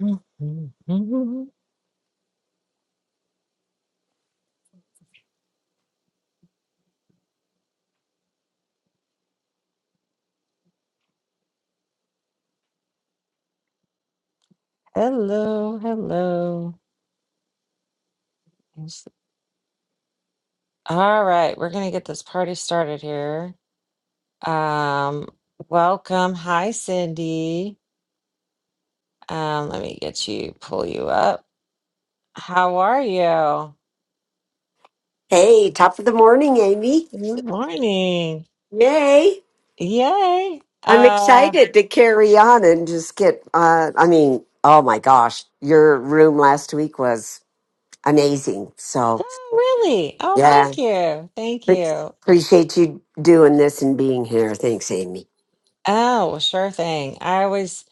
Mhm. Hello, hello. Yes. All right, we're gonna get this party started here. Um, welcome. Hi, Cindy. Um, let me get you, pull you up. How are you? Hey, top of the morning, Amy. Good morning. Yay. Yay. I'm Uh, excited to carry on and just get, uh, I mean, oh my gosh, your room last week was amazing. So, oh, really? Oh, yeah, thank you. Thank you. appreciate you doing this and being here. Thanks, Amy. Oh, well, sure thing. I always,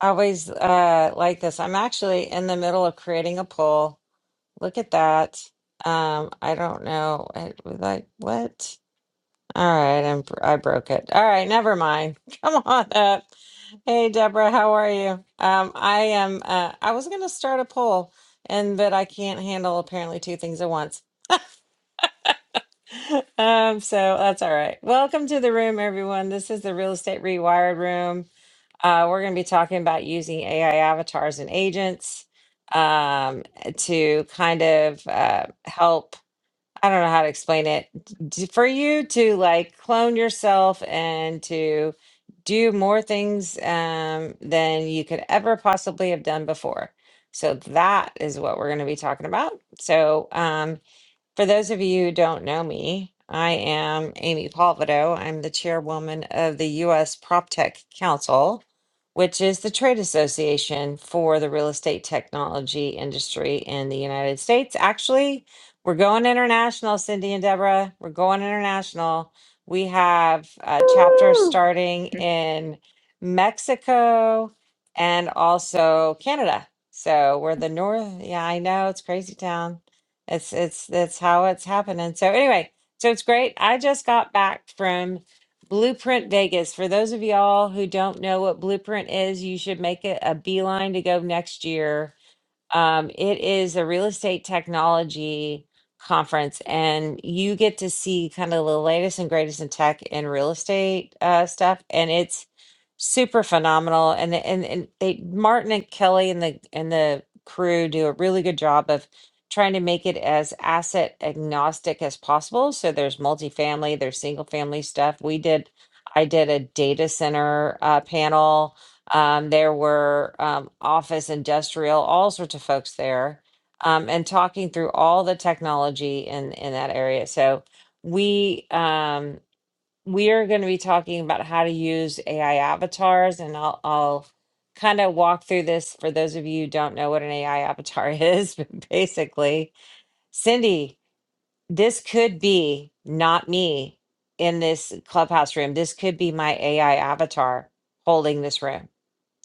I always uh like this. I'm actually in the middle of creating a poll. Look at that. Um, I don't know. I was like, what? All right, I'm, I broke it. All right, never mind. Come on up. Hey, Deborah, how are you? Um, I am. Uh, I was gonna start a poll, and but I can't handle apparently two things at once. Um, so that's all right. Welcome to the room, everyone. This is the Real Estate Rewired room. Uh, we're gonna be talking about using AI avatars and agents um, to kind of uh, help I don't know how to explain it. D- For you to like clone yourself and to do more things um, than you could ever possibly have done before. So that is what we're going to be talking about. So, um, for those of you who don't know me, I am Amy Palvido. I'm the chairwoman of the U.S. PropTech Council, which is the trade association for the real estate technology industry in the United States. Actually, we're going international, Cindy and Deborah. We're going international. We have a chapter starting in Mexico and also Canada. So we're the North. Yeah, I know it's crazy town it's it's that's how it's happening. So anyway, so it's great. I just got back from Blueprint Vegas. For those of y'all who don't know what Blueprint is, you should make it a beeline to go next year um, it is a real estate technology conference, and you get to see kind of the latest and greatest in tech and real estate uh, stuff, and it's super phenomenal. And the- and and they Martin and Kelly and the and the crew do a really good job of trying to make it as asset agnostic as possible. So there's multifamily, there's single family stuff. We did, I did a data center uh, panel um, there were um, office, industrial, all sorts of folks there, um, and talking through all the technology in in that area. So we um, we are going to be talking about how to use AI avatars, and I'll I'll kind of walk through this for those of you who don't know what an AI avatar is. But basically, Cindy, this could be not me in this clubhouse room. This could be my AI avatar holding this room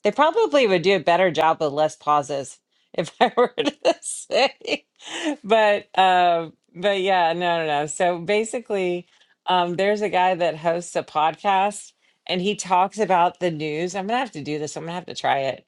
they probably would do a better job with less pauses if I were to say. But um but yeah, no no no. So basically um there's a guy that hosts a podcast and he talks about the news. I'm gonna have to do this. I'm gonna have to try it.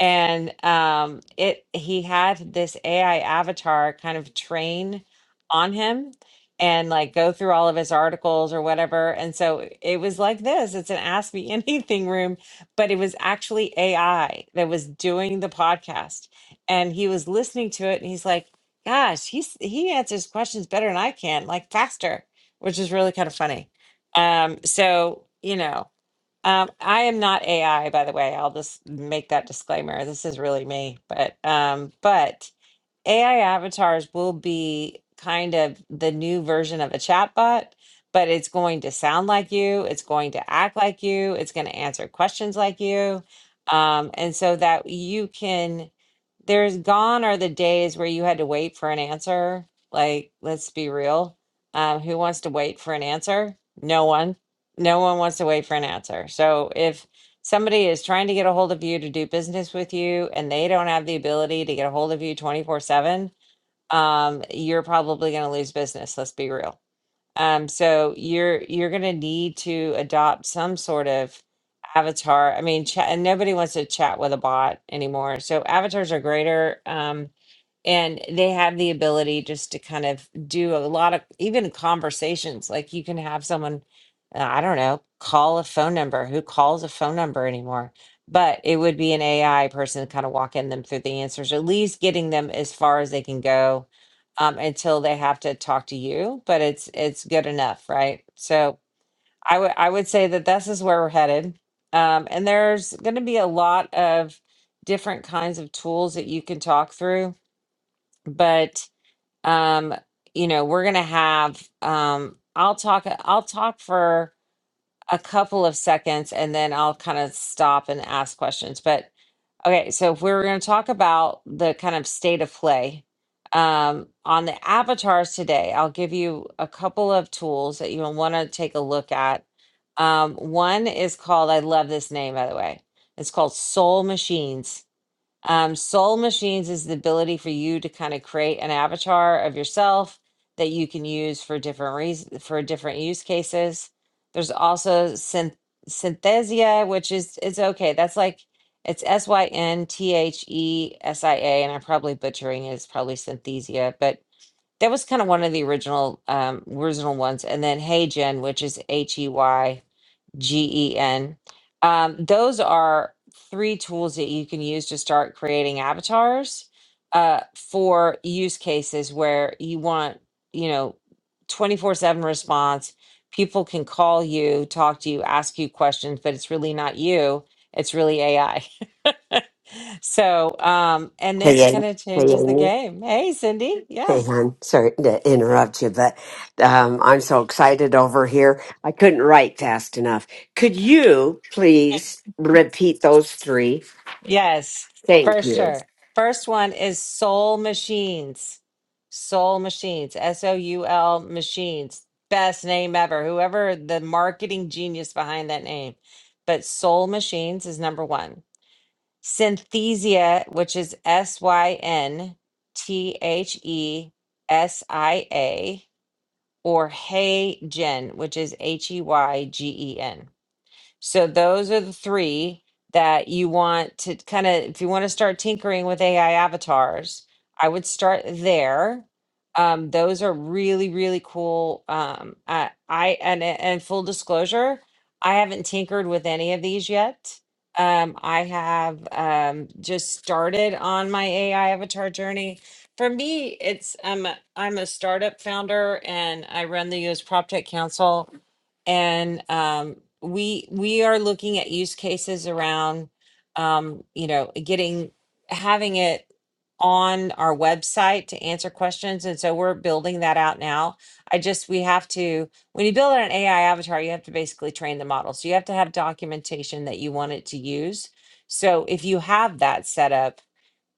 And um it he had this AI avatar kind of train on him and like go through all of his articles or whatever. And so it was like this. It's an ask me anything room but it was actually AI that was doing the podcast. And he was listening to it and he's like, gosh, he's he answers questions better than I can, like faster, which is really kind of funny. Um, so you know, um, I am not AI, by the way. I'll just make that disclaimer. This is really me, but um, but AI avatars will be kind of the new version of a chatbot, but it's going to sound like you, it's going to act like you, it's going to answer questions like you. Um, and so that you can, there's gone are the days where you had to wait for an answer. Like, let's be real. Um, who wants to wait for an answer? No one. No one wants to wait for an answer. So if somebody is trying to get a hold of you to do business with you and they don't have the ability to get a hold of you 24 7 um, you're probably going to lose business let's be real um, so you're you're going to need to adopt some sort of avatar i mean chat, and nobody wants to chat with a bot anymore so avatars are greater Um, and they have the ability just to kind of do a lot of even conversations like you can have someone uh, i don't know call a phone number who calls a phone number anymore but it would be an ai person kind of walking them through the answers at least getting them as far as they can go um, until they have to talk to you but it's it's good enough right so i would i would say that this is where we're headed um, and there's going to be a lot of different kinds of tools that you can talk through but um you know we're gonna have um i'll talk i'll talk for a couple of seconds and then i'll kind of stop and ask questions but okay so if we were gonna talk about the kind of state of play um on the avatars today i'll give you a couple of tools that you'll want to take a look at um one is called i love this name by the way it's called soul machines um, soul machines is the ability for you to kind of create an avatar of yourself that you can use for different reasons for different use cases. There's also synth- synthesia, which is it's okay. That's like it's S Y N T H E S I A, and I'm probably butchering it. It's probably synthesia, but that was kind of one of the original um, original ones. And then Hey Gen, which is H E Y. G-E-N. Um, those are three tools that you can use to start creating avatars uh, for use cases where you want, you know, 24/7 response. People can call you, talk to you, ask you questions, but it's really not you. It's really AI. so, um, and Hey, this Amy. kind of Hey, changes the Amy. game. Hey, Cindy. Yeah. Hey, hon. Sorry to interrupt you, but um, I'm so excited over here. I couldn't write fast enough. Could you please repeat those three? Yes, for Thank you. sure. First one is Soul Machines. Soul Machines, S O U L Machines. Best name ever. Whoever the marketing genius behind that name. But Soul Machines is number one. Synthesia, which is S Y N T H E S I A, or Hey Gen, which is H E Y G E N. So those are the three that you want to kind of, if you want to start tinkering with AI avatars, I would start there. Um, those are really, really cool. Um, I, I and and full disclosure, I haven't tinkered with any of these yet. Um, I have um, just started on my AI avatar journey. For me, it's I'm I'm a startup founder and I run the U.S. PropTech Council and um, we we are looking at use cases around um, you know getting having it on our website to answer questions and so we're building that out now i just we have to when you build an ai avatar you have to basically train the model so you have to have documentation that you want it to use so if you have that set up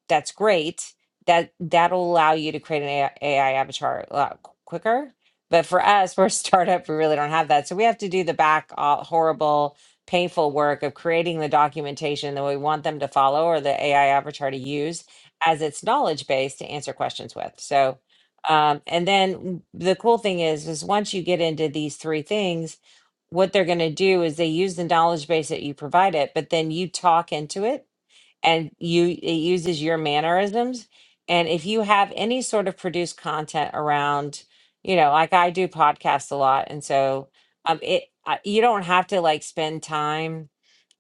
that's great. That that'll allow you to create an AI, avatar a lot qu- quicker. But for us, we're a startup. We really don't have that, so we have to do the back all horrible, painful work of creating the documentation that we want them to follow or the AI avatar to use as its knowledge base to answer questions with. So, um, and then the cool thing is, is once you get into these three things, what they're going to do is they use the knowledge base that you provide it, but then you talk into it and you it uses your mannerisms and if you have any sort of produced content around you know like i do podcasts a lot and so um it I, you don't have to like spend time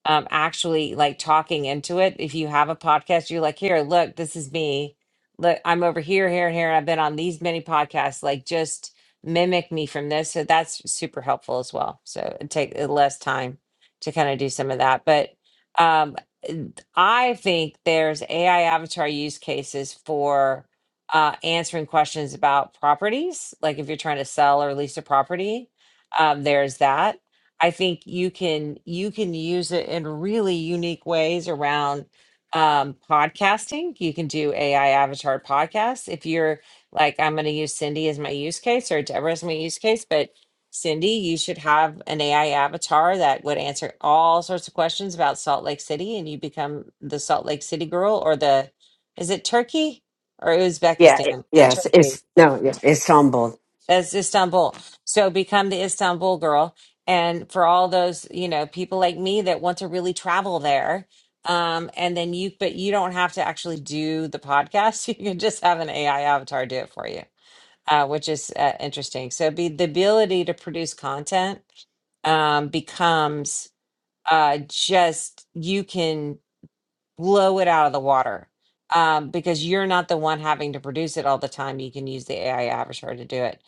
um actually like talking into it if you have a podcast you're like here look this is me look i'm over here here and here and i've been on these many podcasts like just mimic me from this so that's super helpful as well so it take uh, less time to kind of do some of that but um n- i think there's ai avatar use cases for uh answering questions about properties like if you're trying to sell or lease a property um there's that I think you can you can use it in really unique ways around um, podcasting. You can do AI avatar podcasts. If you're like, I'm going to use Cindy as my use case or Deborah as my use case, but Cindy, you should have an AI avatar that would answer all sorts of questions about Salt Lake City, and you become the Salt Lake City girl or the is it Turkey or Yeah, it, Uzbekistan? yes, Turkey it's no, yes, It's humbled. as Istanbul. So become the Istanbul girl. And for all those, you know, people like me that want to really travel there. Um, and then you, but you don't have to actually do the podcast. You can just have an AI avatar do it for you, uh, which is uh, interesting. So be the ability to produce content um, becomes uh, just you can blow it out of the water um, because you're not the one having to produce it all the time. You can use the AI avatar to do it.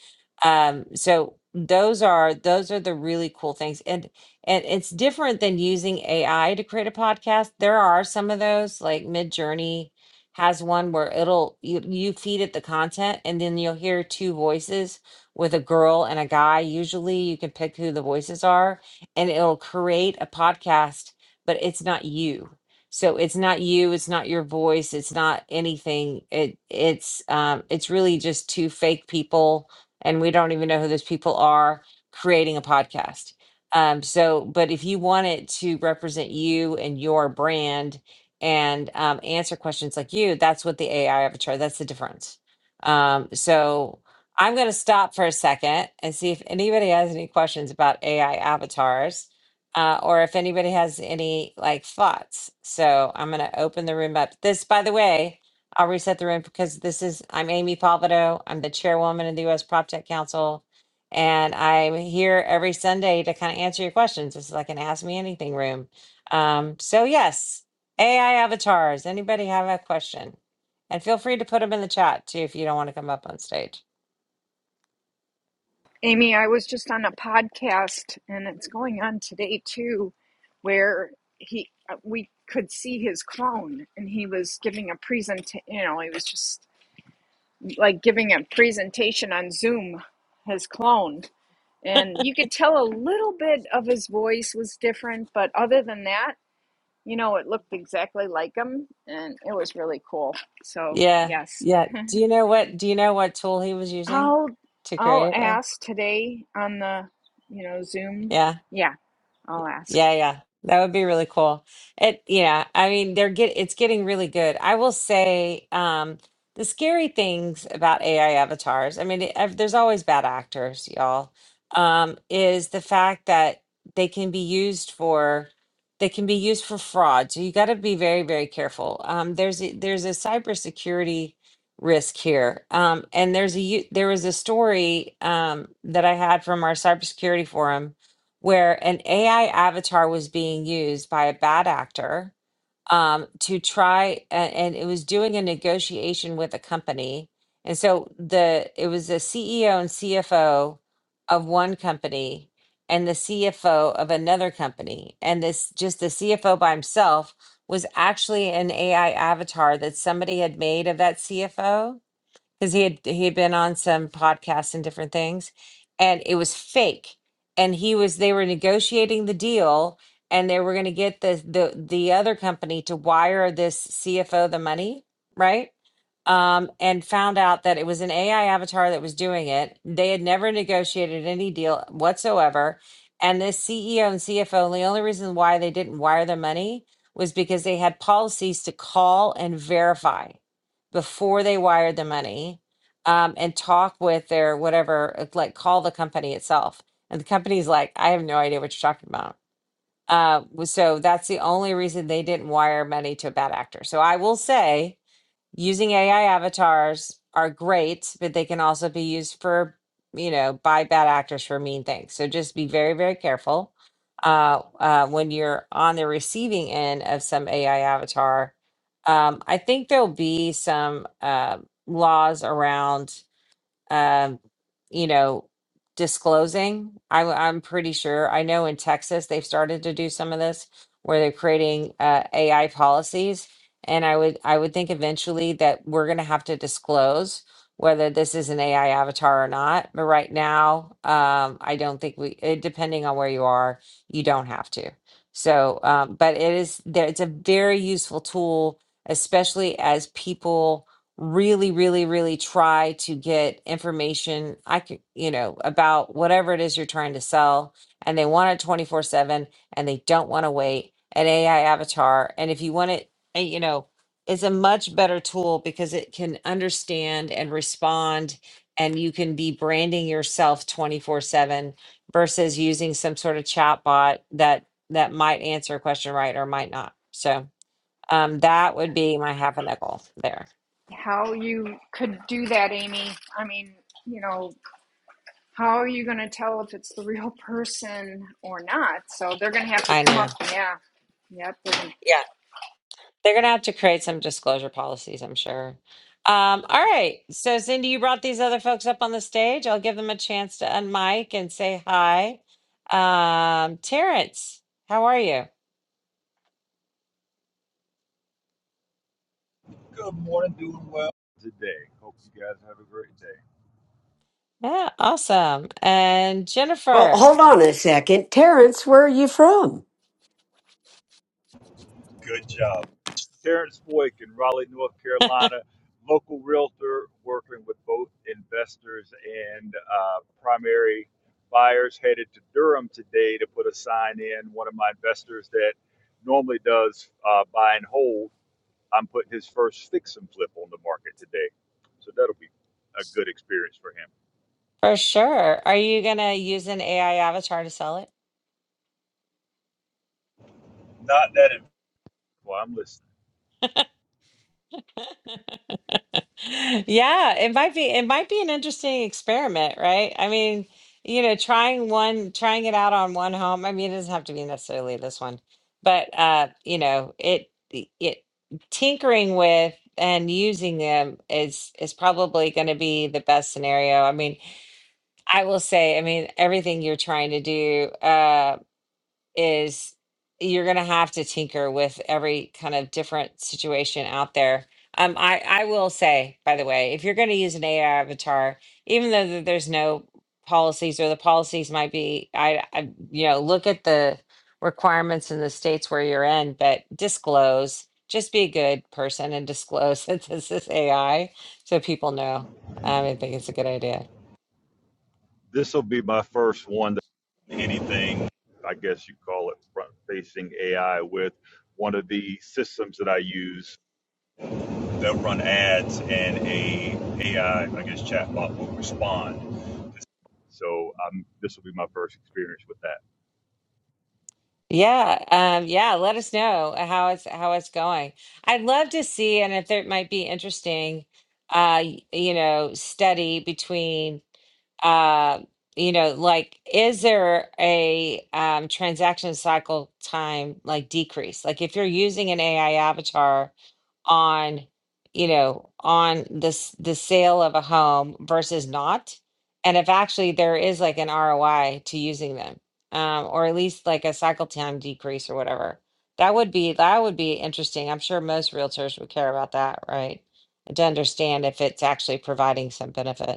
Um, so those are those are the really cool things, and and it's different than using AI to create a podcast. There are some of those, like Midjourney has one where it'll you, you feed it the content, and then you'll hear two voices with a girl and a guy. Usually, you can pick who the voices are, and it'll create a podcast, but it's not you so it's not you, it's not your voice, it's not anything. It it's um it's really just two fake people and we don't even know who those people are creating a podcast. Um so but if you want it to represent you and your brand and um answer questions like you, that's what the AI avatar, that's the difference. Um so I'm going to stop for a second and see if anybody has any questions about AI avatars uh, or if anybody has any like thoughts. So I'm going to open the room up. This, by the way, I'll reset the room because this is, I'm Amy Palvido. I'm the chairwoman of the U.S. Prop Tech Council. And I'm here every Sunday to kind of answer your questions. This is like an Ask Me Anything room. Um, so, yes, AI avatars. Anybody have a question? And feel free to put them in the chat too if you don't want to come up on stage. Amy, I was just on a podcast, and it's going on today too, where he uh, we could see his clone, and he was giving a present. You know, he was just like giving a presentation on Zoom, his clone, and you could tell a little bit of his voice was different, but other than that, you know, it looked exactly like him, and it was really cool. So Yeah. yes, Yeah. Do you know what do you know what tool he was using I'll to I'll create it with? ask today on the, you know, Zoom. Yeah. Yeah, I'll ask Yeah, yeah. That would be really cool. It yeah, I mean they're get it's getting really good. I will say um the scary things about AI avatars, I mean it, I've- there's always bad actors, y'all. Um is the fact that they can be used for they can be used for fraud. So you got to be very very careful. Um there's a, there's a cybersecurity risk here. Um and there's a u- there was a story um that I had from our cybersecurity forum where an AI avatar was being used by a bad actor um, to try, a- and it was doing a negotiation with a company. And so the it was the CEO and CFO of one company and the CFO of another company, and this just the CFO by himself was actually an AI avatar that somebody had made of that CFO because he had he had been on some podcasts and different things and it was fake and he was they were negotiating the deal and they were going to get the the the other company to wire this CFO the money right um and found out that it was an AI avatar that was doing it they had never negotiated any deal whatsoever and this CEO and CFO and the only reason why they didn't wire the money was because they had policies to call and verify before they wired the money um, and talk with their whatever, it's like call the company itself. And the company's like, I have no idea what you're talking about. Uh, w- so that's the only reason they didn't wire money to a bad actor. So I will say, using AI avatars are great, but they can also be used for, you know, by bad actors for mean things. So just be very, very careful uh, uh, when you're on the receiving end of some AI avatar. Um, I think there'll be some uh, laws around um, you know, disclosing. I, I'm pretty sure. I know in Texas they've started to do some of this where they're creating uh, AI policies, and I would I would think eventually that we're going to have to disclose whether this is an AI avatar or not. But right now, um, I don't think we. It, depending on where you are, you don't have to. So, um, but it is there. It's a very useful tool, especially as people really really really try to get information i could you know about whatever it is you're trying to sell and they want it 24 7 and they don't want to wait an ai avatar and if you want it eh, you know it's a much better tool because it can understand and respond and you can be branding yourself 24 7 versus using some sort of chat bot that that might answer a question right or might not so um that would be my half a nickel there how you could do that, Amy. I mean, you know, how are you going to tell if it's the real person or not? So they're going to have to i come up. know Yeah, yep, they're going to Yeah, they're gonna have to create some disclosure policies, I'm sure. Um, all right. So Cindy, you brought these other folks up on the stage. I'll give them a chance to unmic and say hi. Um, Terrence, how are you? Good morning, doing well. today. Hope you guys have a great day. Yeah, awesome. And Well, Jennifer, hold on a second, Terrence. Where are you from? Good job. Terrence Boyk in Raleigh, North Carolina, local realtor working with both investors and uh, primary buyers. Headed to Durham today to put a sign in. One of my investors that normally does uh, buy and hold, I'm putting his first fix and flip on the market today. So that'll be a good experience for him. for sure. Are you gonna use an AI avatar to sell it? Not that it Well, I'm listening. Yeah, it might be it might be an interesting experiment, right? I mean, you know, trying one trying it out on one home. I mean, it doesn't have to be necessarily this one, but uh, you know, it it tinkering with and using them is is probably going to be the best scenario. I mean, I will say, I mean, everything you're trying to do, uh, is you're going to have to tinker with every kind of different situation out there. Um, I, I will say, by the way, if you're going to use an AI avatar, even though th- there's no policies or the policies might be, I, I, you know, look at the requirements in the states where you're in, but disclose, just be a good person and disclose that this is AI so people know. Um, I think it's a good idea. this will be my first one that anything i guess you call it front facing ai with one of the systems that i use they'll run ads and a ai i guess chatbot will respond so um, this will be my first experience with that Yeah, um, yeah, let us know uh, how it's how it's going. I'd love to see, and if there might be interesting, uh, y- you know, study between uh, you know, like, is there a um, transaction cycle time like decrease? Like, if you're using an AI avatar on, you know, on this the sale of a home versus not, and if actually there is like an ROI to using them, um, or at least like a cycle time decrease or whatever, that would be that would be interesting. I'm sure most realtors would care about that, right? To understand if it's actually providing some benefit.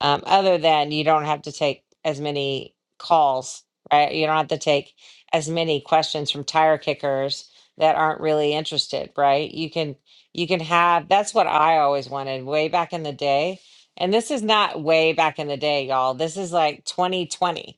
Um, other than you don't have to take as many calls, right? You don't have to take as many questions from tire kickers that aren't really interested, right? You can you can have that's what I always wanted way back in the day. And this is not way back in the day, y'all. This is like 2020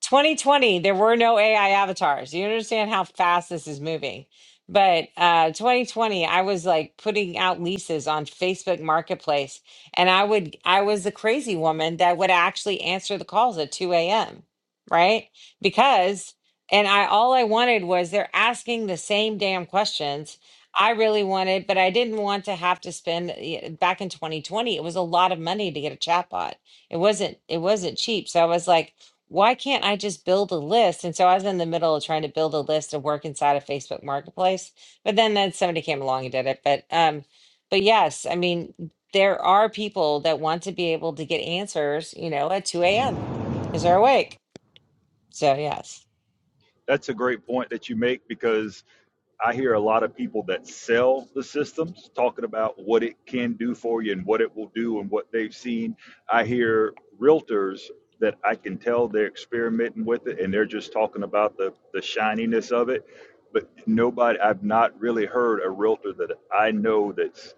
2020, there were no AI avatars. You understand how fast this is moving. But uh, 2020, I was like putting out leases on Facebook Marketplace, and I would, I was the crazy woman that would actually answer the calls at 2 a.m. Right? Because, and I all I wanted was they're asking the same damn questions. I really wanted, but I didn't want to have to spend y- back in 2020. It was a lot of money to get a chatbot. It wasn't, it wasn't cheap. So I was like why can't I just build a list? And so I was in the middle of trying to build a list and work inside of Facebook Marketplace, but then then somebody came along and did it. But um, but yes, I mean there are people that want to be able to get answers, you know, at two a.m. because they're awake. So yes. That's a great point that you make because I hear a lot of people that sell the systems talking about what it can do for you and what it will do and what they've seen. I hear realtors that I can tell they're experimenting with it and they're just talking about the, the shininess of it. But nobody, I've not really heard a realtor that I know that's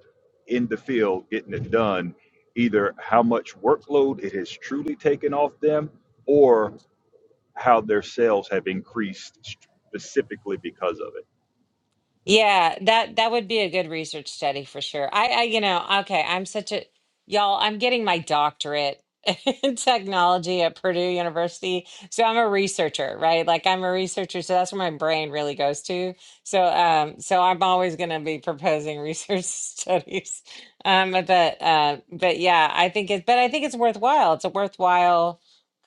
in the field getting it done, either how much workload it has truly taken off them or how their sales have increased specifically because of it. Yeah, that that would be a good research study for sure. I, I you know, okay, I'm such a y'all, I'm getting my doctorate in technology at Purdue University. So I'm a researcher, right? Like I'm a researcher, so that's where my brain really goes to. So um so I'm always going to be proposing research studies. Um but uh but yeah, I think it's but I think it's worthwhile. It's a worthwhile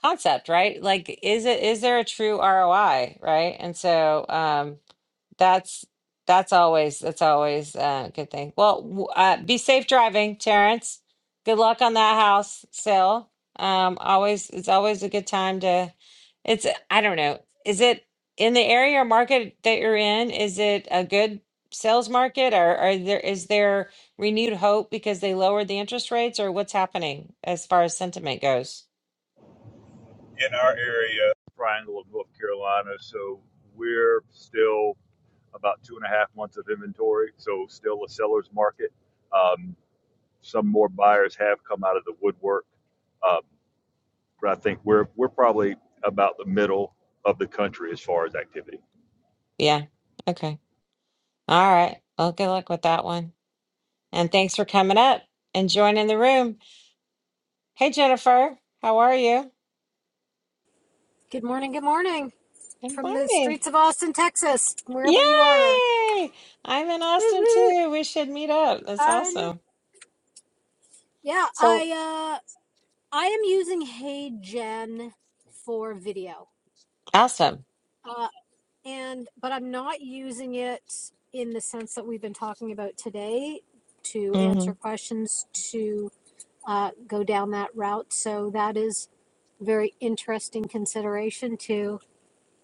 concept, right? Like is it is there a true ROI, right? And so um that's that's always that's always uh, a good thing. Well, w- uh, be safe driving, Terrence. Good luck on that house sale. Um, always it's always a good time to. It's I don't know. Is it in the area or market that you're in? Is it a good sales market, or are there is there renewed hope because they lowered the interest rates, or what's happening as far as sentiment goes? In our area, triangle of North Carolina, so we're still about two and a half months of inventory, so still a seller's market. Um, some more buyers have come out of the woodwork, um, but I think we're we're probably about the middle of the country as far as activity. Yeah. Okay. All right. Well, good luck with that one, and thanks for coming up and joining the room. Hey Jennifer, how are you? Good morning, good morning Good from the morning. streets of Austin, Texas, wherever you are. Yay! I'm in Woo Austin woo. too. We should meet up. That's I know. awesome. Yeah, So I uh I am using Hey Gen for video. awesome. Uh and but I'm not using it in the sense that we've been talking about today to hmm answer questions to uh go down that route. So that is very interesting consideration to.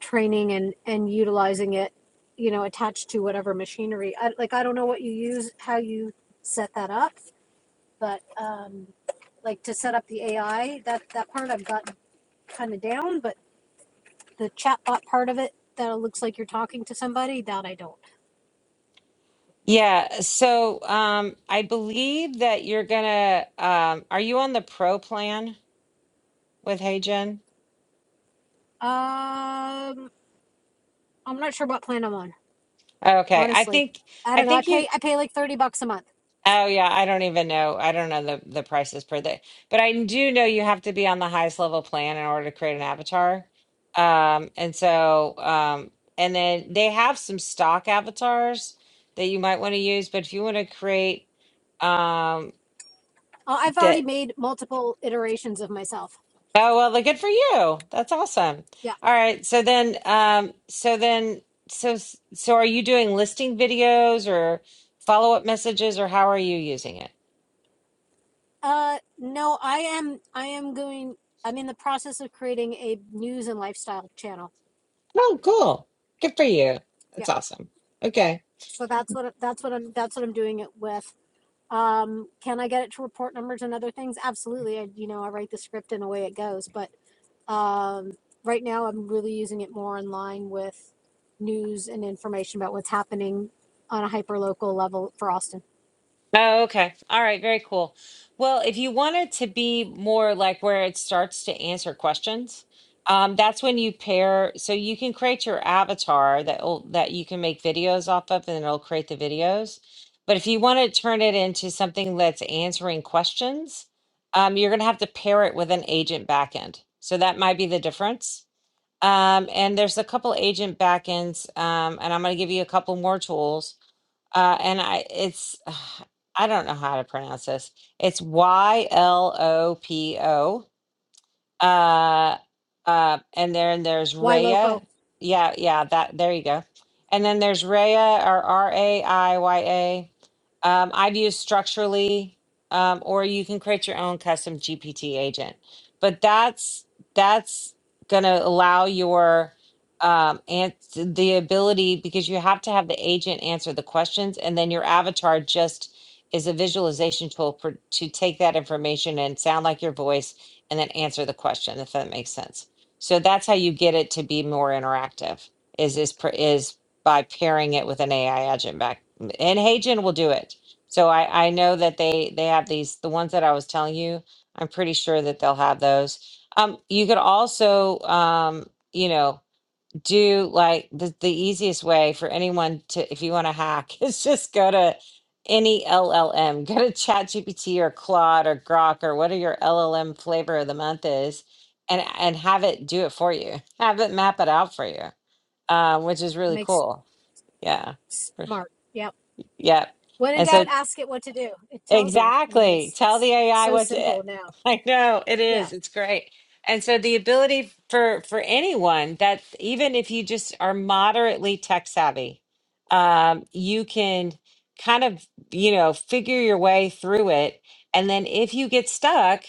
training and and utilizing it you know attached to whatever machinery I, like i don't know what you use how you set that up but um like to set up the ai that that part i've got kind of down but the chatbot part of it that it looks like you're talking to somebody that i don't Yeah. So um, I believe that you're gonna. Um, are you on the pro plan with Hey Jen? um i'm not sure what plan i'm on Okay. I honestly think. i I don't know i think you. pay i pay like 30 bucks a month Oh yeah, I don't even know. I don't know the the prices per day, but I do know you have to be on the highest level plan in order to create an avatar. Um, and so, um, and then they have some stock avatars that you might want to use, but if you want to create, um, Uh, i've already that made multiple iterations of myself oh well, look, good for you. That's awesome. Yeah. All right, so then, um, so then, so so are you doing listing videos or follow up messages, or how are you using it? Uh, no, I am. I am going. I'm in the process of creating a news and lifestyle channel. Oh, cool. Good for you. Yeah. That's awesome. Okay. So that's what that's what I'm that's what I'm doing it with. Um, can I get it to report numbers and other things? Absolutely. I, you know, I write the script and away it goes. But um, right now, I'm really using it more in line with news and information about what's happening on a hyper local level for Austin. Oh, okay. All right. Very cool. Well, if you want it to be more like where it starts to answer questions, um, that's when you pair. So you can create your avatar that will that you can make videos off of, and it'll create the videos. But if you want to turn it into something that's answering questions, um, you're going to have to pair it with an agent backend. So that might be the difference. Um, and there's a couple agent backends, um, and I'm going to give you a couple more tools. Uh, and I, it's, I don't know how to pronounce this. It's Y L O P O. Uh, uh, and then there's Why Lopo Raya. Yeah, yeah, that there you go. And then there's Raya or R A I Y A. Um, I've used structurally, um, or you can create your own custom GPT agent. But that's that's gonna allow your um and the ability because you have to have the agent answer the questions and then your avatar just is a visualization tool for, to take that information and sound like your voice and then answer the question if that makes sense so that's how you get it to be more interactive is is pr- is by pairing it with an ai agent back and Hagen will do it so i i know that they they have these the ones that i was telling you i'm pretty sure that they'll have those um you could also um you know do like the, the easiest way for anyone to if you want to hack is just go to any LLM, go to ChatGPT or Claude or Grok or whatever your LLM flavor of the month is, and and have it do it for you. Have it map it out for you, uh, which is really makes cool. Yeah, smart. Yep. yep, When in And so doubt, ask it what to do. It tells you. I mean, Exactly. it's Tell it's the AI so what's it. simple now. I know it Yeah. is. It's great. And so the ability for for anyone that even if you just are moderately tech savvy, um, you can kind of, you know, figure your way through it. And then if you get stuck,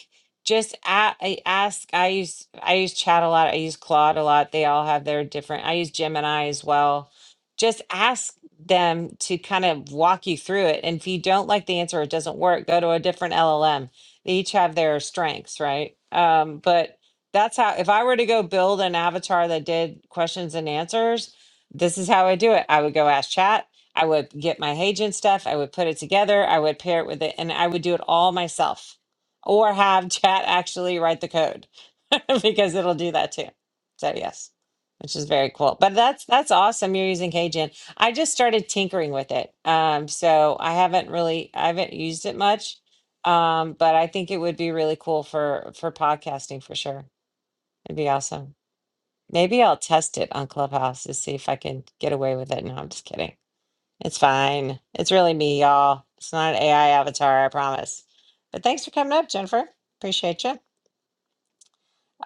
just a- I ask. I use I use Chat a lot. I use Claude a lot. They all have their different. I use Gemini as well. Just ask them to kind of walk you through it. And if you don't like the answer, or it doesn't work, go to a different LLM. They each have their strengths, right? Um, but that's how, if I were to go build an avatar that did questions and answers, this is how I do it. I would go ask chat. I would get my agent stuff. I would put it together. I would pair it with it and I would do it all myself or have chat actually write the code because it'll do that too. So yes, which is very cool. But that's that's awesome. You're using Cajun. I just started tinkering with it. Um, so I haven't really I haven't used it much. Um, but I think it would be really cool for for podcasting for sure. It'd be awesome. Maybe I'll test it on Clubhouse to see if I can get away with it. No, I'm just kidding. It's fine. It's really me, y'all. It's not an AI avatar, I promise. But thanks for coming up, Jennifer. Appreciate you.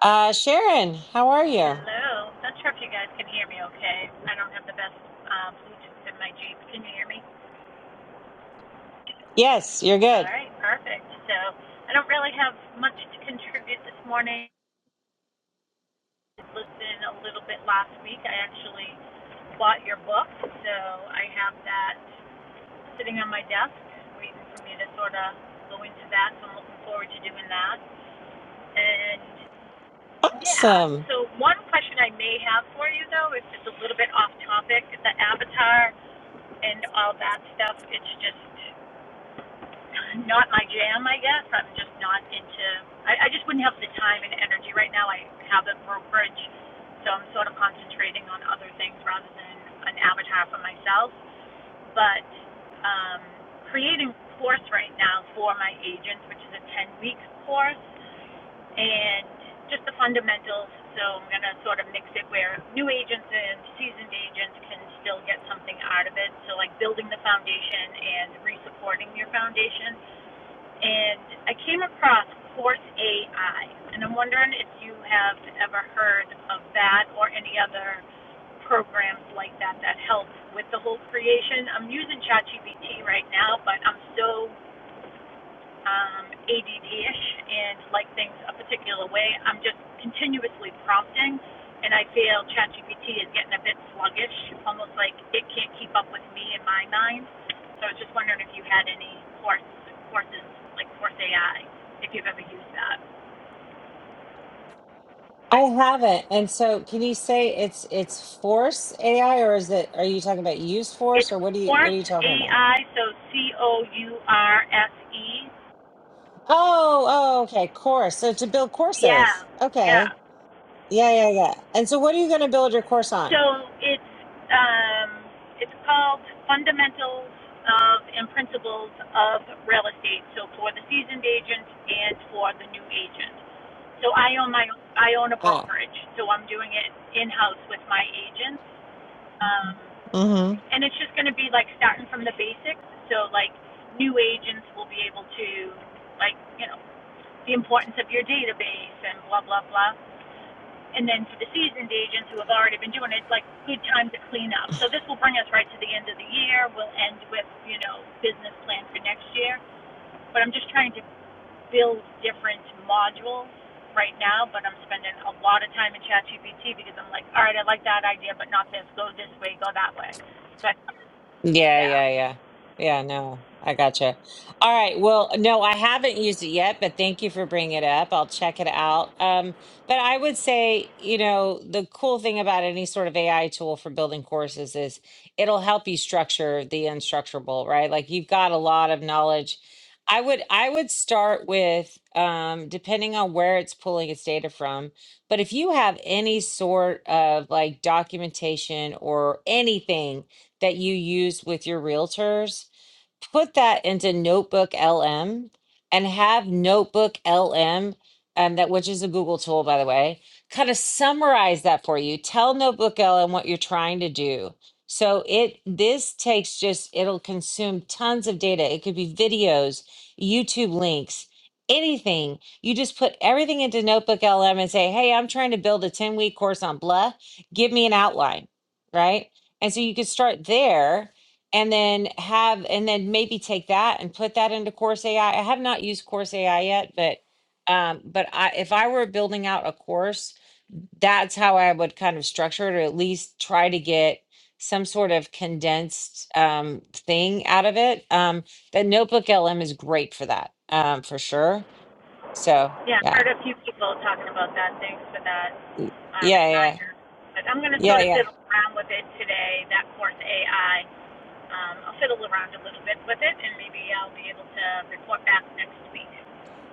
Uh, Sharon, how are you? Hello. Not sure if you guys can hear me okay. I don't have the best uh, Bluetooth in my Jeep. Can you hear me? Yes, you're All good. right, perfect. So I don't really have much to contribute this morning. I listened a little bit last week. I actually bought your book, so I have that sitting on my desk waiting for me to sort of go into that. So I'm looking forward to doing that. And yeah, Awesome. so one question I may have for you though, is it's a little bit off topic, the avatar and all that stuff. It's just not my jam, I guess. I'm just not into. I, I just wouldn't have the time and energy right now. I have a brokerage, so I'm sort of concentrating on other things rather than an avatar for myself. But um, creating a course right now for my agents, which is a 10 week course and just the fundamentals. So I'm going to sort of mix it where new agents and seasoned agents can still get something out of it. So, like building the foundation and resupporting your foundation. And I came across Course AI, and I'm wondering if you have ever heard of that or any other programs like that that help with the whole creation. I'm using ChatGPT right now, but I'm so um, ADD-ish and like things a particular way. I'm just continuously prompting, and I feel ChatGPT is getting a bit sluggish, almost like it can't keep up with me in my mind. So I was just wondering if you had any course, courses like Course AI, if you've ever used that. I haven't. And so can you say it's it's force AI or is it are you talking about use It's force or what do you what are Course you talking about? AI, so C O U R S E. Oh, oh, okay, course. So to build Yeah, courses. yeah. Okay. Yeah, yeah, yeah. And so what are you going to build your course So on? it's um, it's called Fundamentals of and Principles of Real Estate. So for the seasoned agent and for the new agent. So I own my I own a brokerage. So I'm doing it in house with my agents, um, Ah. and it's just going to be like starting from the basics. So like new agents will be able to like you know the importance of your database and blah blah blah and then for the seasoned agents who have already been doing it, it's like good time to clean up. So this will bring us right to the end of the year. We'll end with, you know, business plan for next year. But I'm just trying to build different modules right now, but I'm spending a lot of time in ChatGPT because I'm like, all right, I like that idea, but not this. Go this way, go that way. So I, Yeah, yeah, yeah, yeah. Yeah, no, I gotcha. All right. Well, no, I haven't used it yet, but thank you for bringing it up. I'll check it out. Um, but I would say, you know, the cool thing about any sort of AI tool for building courses is it'll help you structure the unstructurable, right? Like you've got a lot of knowledge. I would I would start with um, depending on where it's pulling its data from, but if you have any sort of like documentation or anything that you use with your realtors put that into Notebook LM and have Notebook LM, um, that which is a Google tool, by the way, kind of summarize that for you. Tell Notebook LM what you're trying to do. So it this takes just it'll consume tons of data. It could be videos, YouTube links, anything. You just put everything into Notebook LM and say, "Hey, I'm trying to build a 10-week course on blah. Give me an outline." Right? And so you could start there and then have and then maybe take that and put that into course ai i I have not used course ai yet but um but i if i were building out a course that's how i would kind of structure it or at least try to get some sort of condensed um thing out of it um the notebook lm is great for that um for sure so yeah, yeah heard a few people talking about that. Thanks for that Y- uh, yeah yeah reminder. But I'm going to sort yeah of yeah fiddle around with it today, that course AI, Um, I'll fiddle around a little bit with it, and maybe I'll be able to report back next week.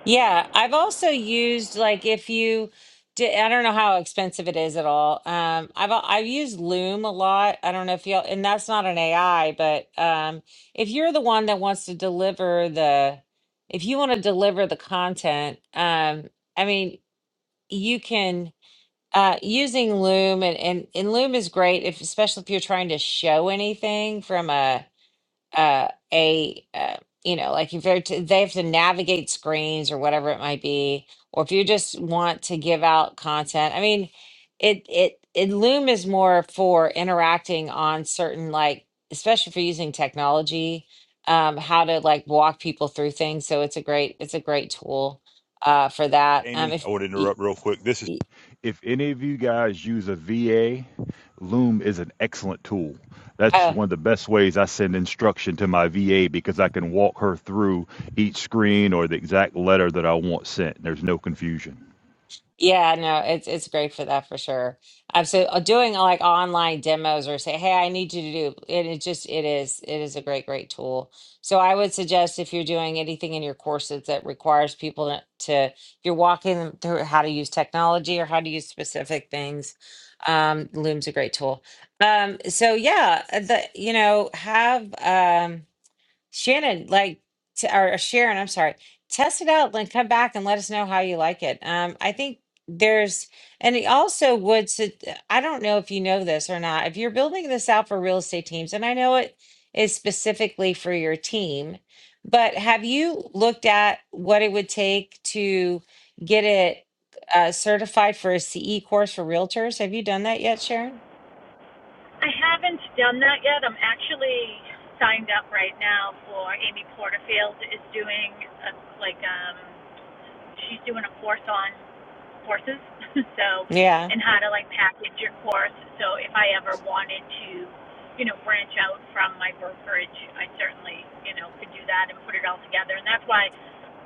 Yeah, I've also used like if you did, I don't know how expensive it is at all. Um, I've al- I've used Loom a lot. I don't know if y'all, and that's not an AI, but um, if you're the one that wants to deliver the, if you want to deliver the content, um, I mean, you can uh, using Loom and and and Loom is great if especially if you're trying to show anything from a uh, a uh, you know like if they're to, they have to navigate screens or whatever it might be or if you just want to give out content i mean it it, it loom is more for interacting on certain like especially if you're using technology um how to like walk people through things so it's a great it's a great tool uh for that um Amy, if I want to y- interrupt real quick. This is y- if any of you guys use a VA, Loom is an excellent tool. That's oh, one of the best ways I send instruction to my VA because I can walk her through each screen or the exact letter that I want sent. There's no confusion. Yeah, no, it's it's great for that for sure. Um, so uh, doing like online demos or say, hey, I need you to do it. It just it is it is a great great tool. So I would suggest if you're doing anything in your courses that requires people to, to if you're walking them through how to use technology or how to use specific things, um, Loom's a great tool. Um, so yeah, uh, the you know have um. Shannon, like, t- or Sharon, I'm sorry, test it out, then come back and let us know how you like it. Um, I think there's, and it also would, su- uh, I don't know if you know this or not, if you're building this out for real estate teams, and I know it is specifically for your team, but have you looked at what it would take to get it uh, certified for a CE course for realtors? Have you done that yet, Sharon? I haven't done that yet. I'm actually signed up right now for Amy Porterfield is doing a, like um, she's doing a course on horses, so Yeah. and how to like package your course. So if I ever wanted to, you know, branch out from my brokerage, I certainly you know could do that and put it all together. And that's why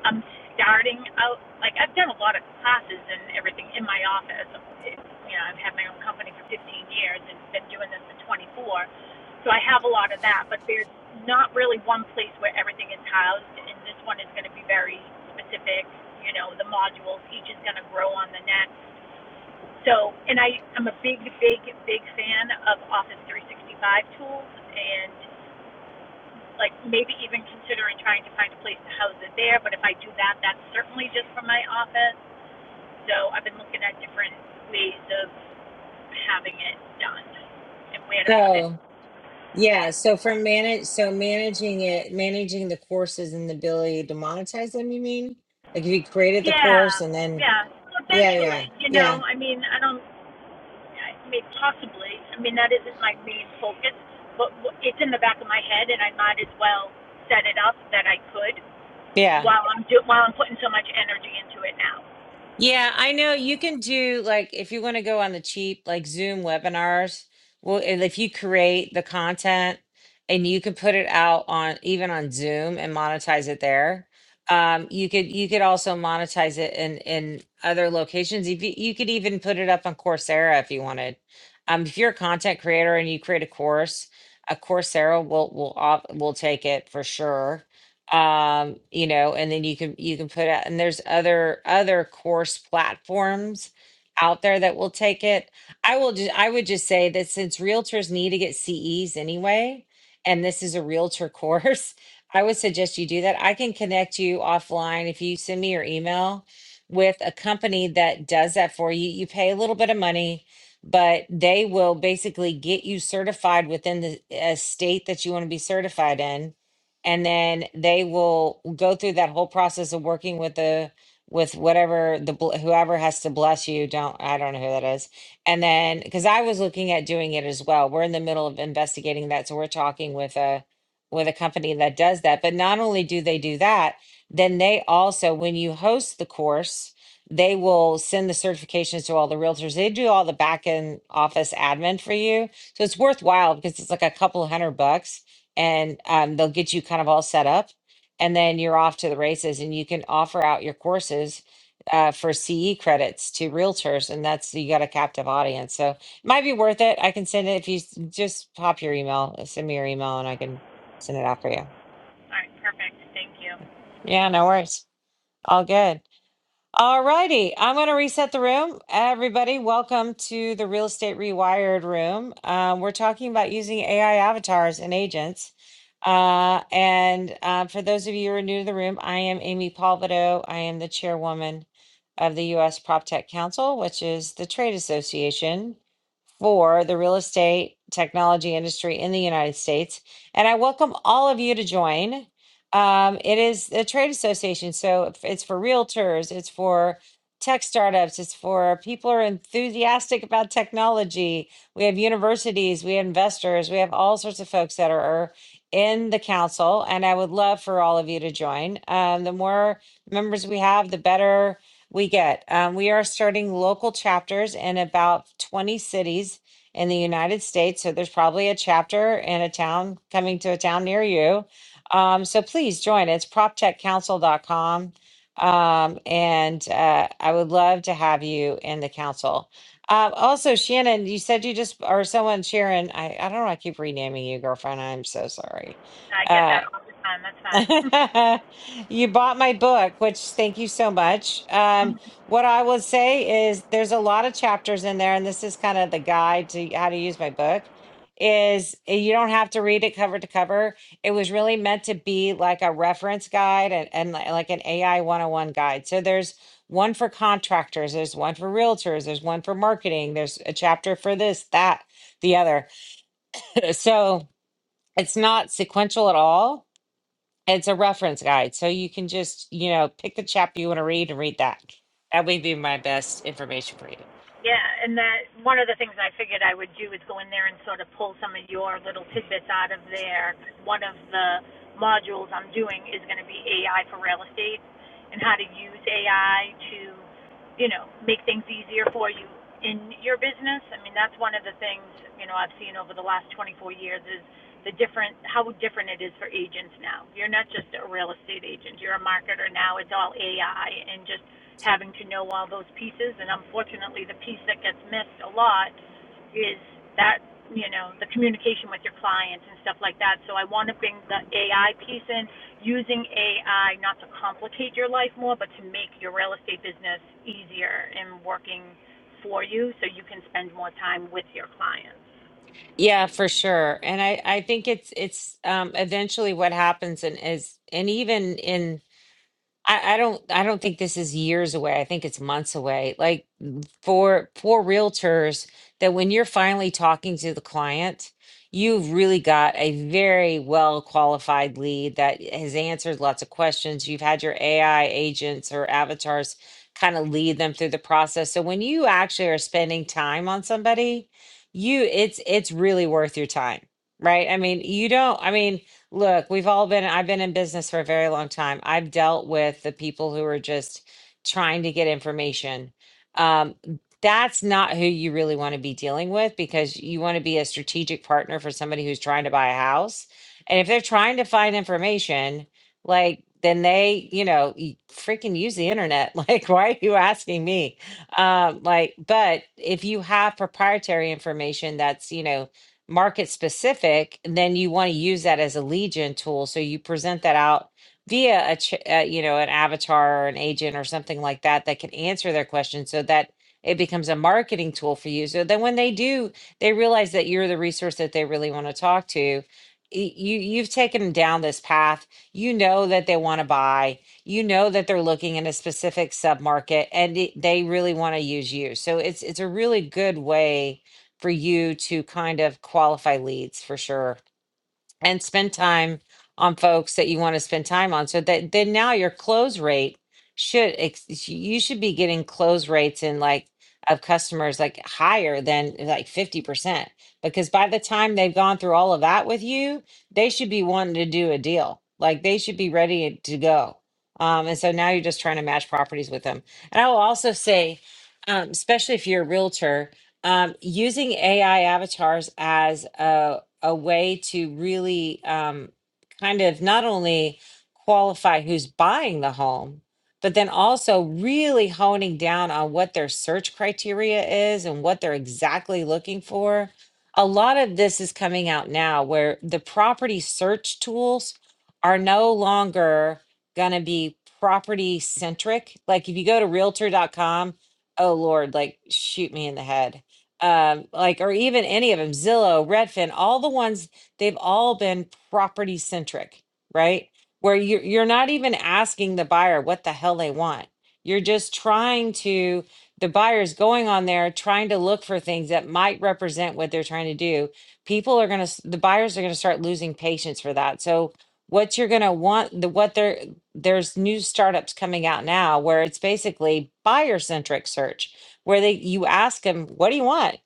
I'm starting out, like I've done a lot of classes and everything in my office. It's, you know, I've had my own company for 15 years and been doing this for 24. So I have a lot of that, but there's not really one place where everything is housed, and this one is going to be very specific. You know, the modules, each is going to grow on the next. So, and I, I'm a big, big, big fan of Office 365 tools, and like maybe even considering trying to find a place to house it there. But if I do that, that's certainly just from my office. So I've been looking at different ways of having it done and where to put it. Oh. Yeah, so for manage so managing it, managing the courses and the ability to monetize them, you mean? Like if you created the course Yeah, and then yeah. Well, yeah, yeah, Eventually, you yeah, know, I mean, I don't, I mean, possibly. I mean, that isn't my main focus, but it's in the back of my head, and I might as well set it up that I could yeah. while I'm do- while I'm putting so much energy into it now. Yeah, I know you can do like if you want to go on the cheap, like Zoom webinars. Well, and if you create the content and you can put it out on even on Zoom and monetize it there. Um, you could you could also monetize it in in other locations. If you, you could even put it up on Coursera if you wanted. Um, if you're a content creator and you create a course, a Coursera will will op- will take it for sure um you know and then you can you can put out and there's other other course platforms out there that will take it i will just i would just say that since realtors need to get ces anyway and this is a realtor course i would suggest you do that i can connect you offline if you send me your email with a company that does that for you you pay a little bit of money but they will basically get you certified within the uh, state that you want to be certified in and then they will go through that whole process of working with the with whatever the bl- whoever has to bless you don't i don't know who that is and then because i was looking at doing it as well we're in the middle of investigating that so we're talking with a with a company that does that but not only do they do that then they also when you host the course they will send the certifications to all the realtors they do all the back end office admin for you so it's worthwhile because it's like a couple hundred bucks and um, they'll get you kind of all set up and then you're off to the races and you can offer out your courses uh, for ce credits to realtors and that's you got a captive audience so it might be worth it i can send it if you s- just pop your email uh, send me your email and i can send it out for you All right, perfect. Thank you. yeah no worries all good All righty. I'm going to reset the room. Everybody, welcome to the Real Estate Rewired room. Um, we're talking about using AI avatars and agents. Uh, and uh, for those of you who are new to the room, I am Amy Palvido. I am the chairwoman of the U.S. PropTech Council, which is the trade association for the real estate technology industry in the United States. And I welcome all of you to join. Um, it is a trade association, so if it's for realtors, it's for tech startups, it's for people who are enthusiastic about technology. We have universities, we have investors, we have all sorts of folks that are in the council, and I would love for all of you to join. Um, the more members we have, the better we get. Um, we are starting local chapters in about 20 cities in the United States, so there's probably a chapter in a town coming to a town near you um, so please join. It's proptechcouncil.com. Um, and uh, I would love to have you in the council. Um, also, Shannon, you said you just, or someone, Sharon, I, I don't know, I keep renaming you, girlfriend. I'm so sorry. I get Uh, that all the time. That's fine. you bought my book, which thank you so much. Um, what I will say is there's a lot of chapters in there, and this is kind of the guide to how to use my book. Is eh, you don't have to read it cover to cover. It was really meant to be like a reference guide and, and li- like an AI 101 guide. So there's one for contractors, there's one for realtors, there's one for marketing, there's a chapter for this, that, the other. so it's not sequential at all it's a reference guide, so you can just, you know, pick the chapter you want to read and read that. That would be my best information for you. yeah, and that one of the things I figured I would do is go in there and sort of pull some of your little tidbits out of there. One of the modules I'm doing is going to be AI for real estate and how to use AI to, you know, make things easier for you in your business. I mean, that's one of the things you know I've seen over the last 24 years is the different how different it is for agents now. You're not just a real estate agent; you're a marketer now. It's all AI and just having to know all those pieces. And unfortunately, the piece that gets missed a lot is that you know the communication with your clients and stuff like that. So I want to bring the AI piece in, using AI not to complicate your life more, but to make your real estate business easier and working for you, so you can spend more time with your clients. Yeah, for sure. And I, I think it's it's um eventually what happens and is and even in I, I don't I don't think this is years away. I think it's months away. Like for for realtors that when you're finally talking to the client you've really got a very well qualified lead that has answered lots of questions you've had your ai agents or avatars kind of lead them through the process so when you actually are spending time on somebody you it's it's really worth your time right i mean you don't i mean look we've all been i've been in business for a very long time i've dealt with the people who are just trying to get information Um, that's not who you really want to be dealing with because you want to be a strategic partner for somebody who's trying to buy a house. And if they're trying to find information, like then they, you know, y- freaking use the internet. Like, why are you asking me? Um, like, but if you have proprietary information that's, you know, market specific, then you want to use that as a legion tool. So you present that out via a, ch- uh, you know, an avatar or an agent or something like that that can answer their question so that it becomes a marketing tool for you. So then when they do, they realize that you're the resource that they really want to talk to. y- You you've taken them down this path. You know that they want to buy. You know that they're looking in a specific submarket, and it- they really want to use you. So it's it's a really good way for you to kind of qualify leads for sure and spend time on folks that you want to spend time on so that then now your close rate should ex- you should be getting close rates in like of customers like higher than like 50% because by the time they've gone through all of that with you they should be wanting to do a deal like they should be ready to go um, and so now you're just trying to match properties with them and i will also say um, especially if you're a realtor um, using ai avatars as a a way to really um, kind of not only qualify who's buying the home, but then also really honing down on what their search criteria is and what they're exactly looking for. A lot of this is coming out now where the property search tools are no longer going to be property centric. Like if you go to Realtor dot com, oh Lord, like shoot me in the head um, like or even any of them, Zillow, Redfin, all the ones they've all been property centric, right? Where you're you're not even asking the buyer what the hell they want. You're just trying to the buyer's going on there trying to look for things that might represent what they're trying to do. People are gonna the buyers are gonna start losing patience for that. So what you're gonna want the what they're there's new startups coming out now where it's basically buyer centric search where they you ask them, "What do you want?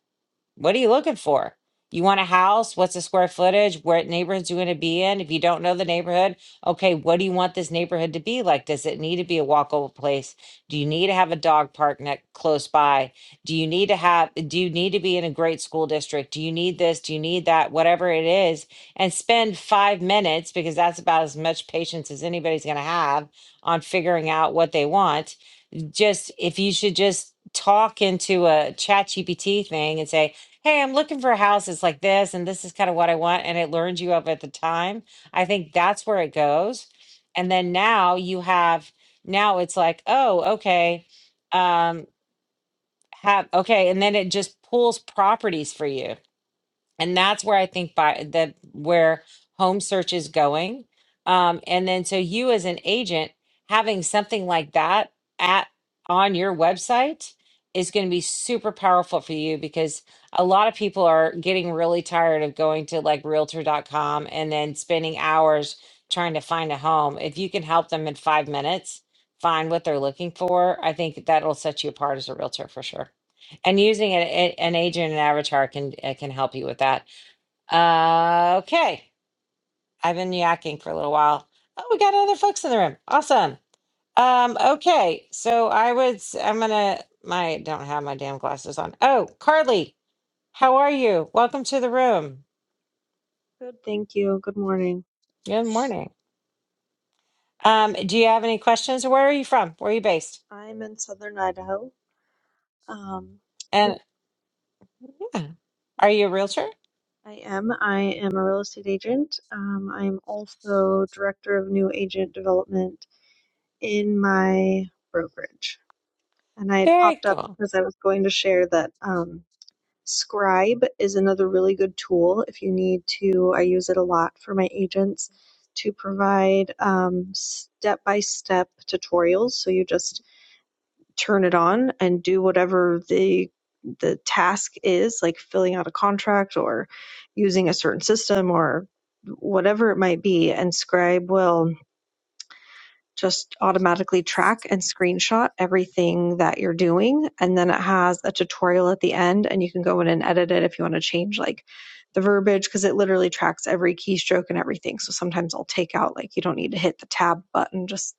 What are you looking for? You want a house? What's the square footage? What neighborhoods you going to be in? If you don't know the neighborhood, okay, what do you want this neighborhood to be like? Does it need to be a walkable place? Do you need to have a dog park neck close by? Do you need to have? Do you need to be in a great school district? Do you need this? Do you need that? Whatever it is, and spend five minutes because that's about as much patience as anybody's going to have on figuring out what they want just if you should just talk into a chat gpt thing and say hey i'm looking for houses like this and this is kind of what i want and it learns you of at the time i think that's where it goes and then now you have now it's like oh okay um have okay and then it just pulls properties for you and that's where I think by the where home search is going. Um, and then so you as an agent having something like that at on your website is going to be super powerful for you because a lot of people are getting really tired of going to like Realtor dot com and then spending hours trying to find a home. If you can help them in five minutes find what they're looking for, I think that'll set you apart as a realtor for sure. And using an, a- an agent and avatar can uh, can help you with that. Uh, okay. I've been yakking for a little while. Oh, we got other folks in the room. Awesome. Um, okay. So I would, s- I'm going to, my, don't have my damn glasses on. Oh, Carly, how are you? Welcome to the room. Good, thank you. Good morning. Good morning. Um, do you have any questions? Where are you from? Where are you based? I'm in Southern Idaho. Um, And yeah, are you a realtor? I am. I am a real estate agent. Um, I'm also director of new agent development in my brokerage. And I had Very popped up cool. because I was going to share that um, Scribe is another really good tool if you need to. I use it a lot for my agents to provide um, step-by-step tutorials. So you just turn it on and do whatever the the task is like filling out a contract or using a certain system or whatever it might be and scribe will just automatically track and screenshot everything that you're doing and then it has a tutorial at the end and you can go in and edit it if you want to change like the verbiage because it literally tracks every keystroke and everything so sometimes i'll take out like you don't need to hit the tab button just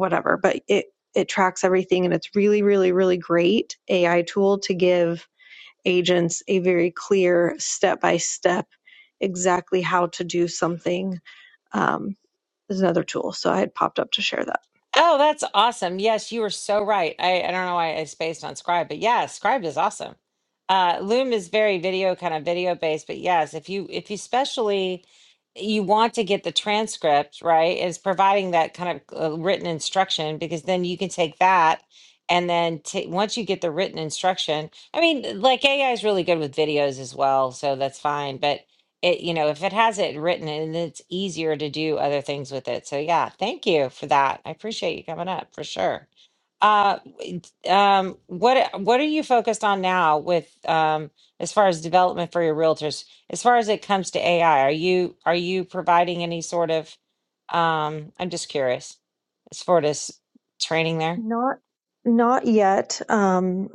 whatever, but it it tracks everything and it's really really really great AI tool to give agents a very clear step by step exactly how to do something. Um, is another tool, so I had popped up to share that. Oh, that's awesome. Yes, you were so right. I, I don't know why I spaced on Scribe, but yeah, Scribe is awesome. Uh, Loom is very video kind of video based, but yes, if you if you especially you want to get the transcript, right, is providing that kind of uh, written instruction because then you can take that and then ta- once you get the written instruction, I mean, like AI is really good with videos as well, so that's fine. But it you know if it has it written and it's easier to do other things with it so yeah thank you for that i appreciate you coming up for sure uh w- um what uh, what are you focused on now with um as far as development for your realtors as far as it comes to ai are you are you providing any sort of um i'm just curious as far as training there Not not yet. Um,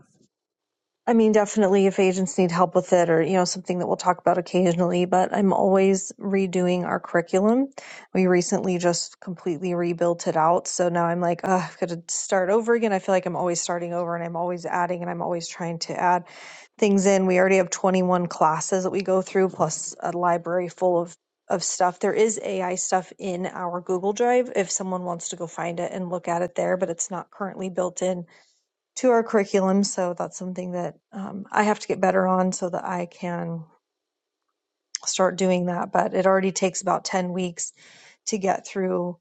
I mean, definitely if agents need help with it or, you know, something that we'll talk about occasionally, but I'm always redoing our curriculum. We recently just completely rebuilt it out. So now I'm like, oh, I've got to start over again. I feel like I'm always starting over and I'm always adding and I'm always trying to add things in. We already have 21 classes that we go through, plus a library full of of stuff. There is AI stuff in our Google Drive if someone wants to go find it and look at it there, but it's not currently built in to our curriculum. So that's something that um, I have to get better on so that I can start doing that. But it already takes about 10 weeks to get through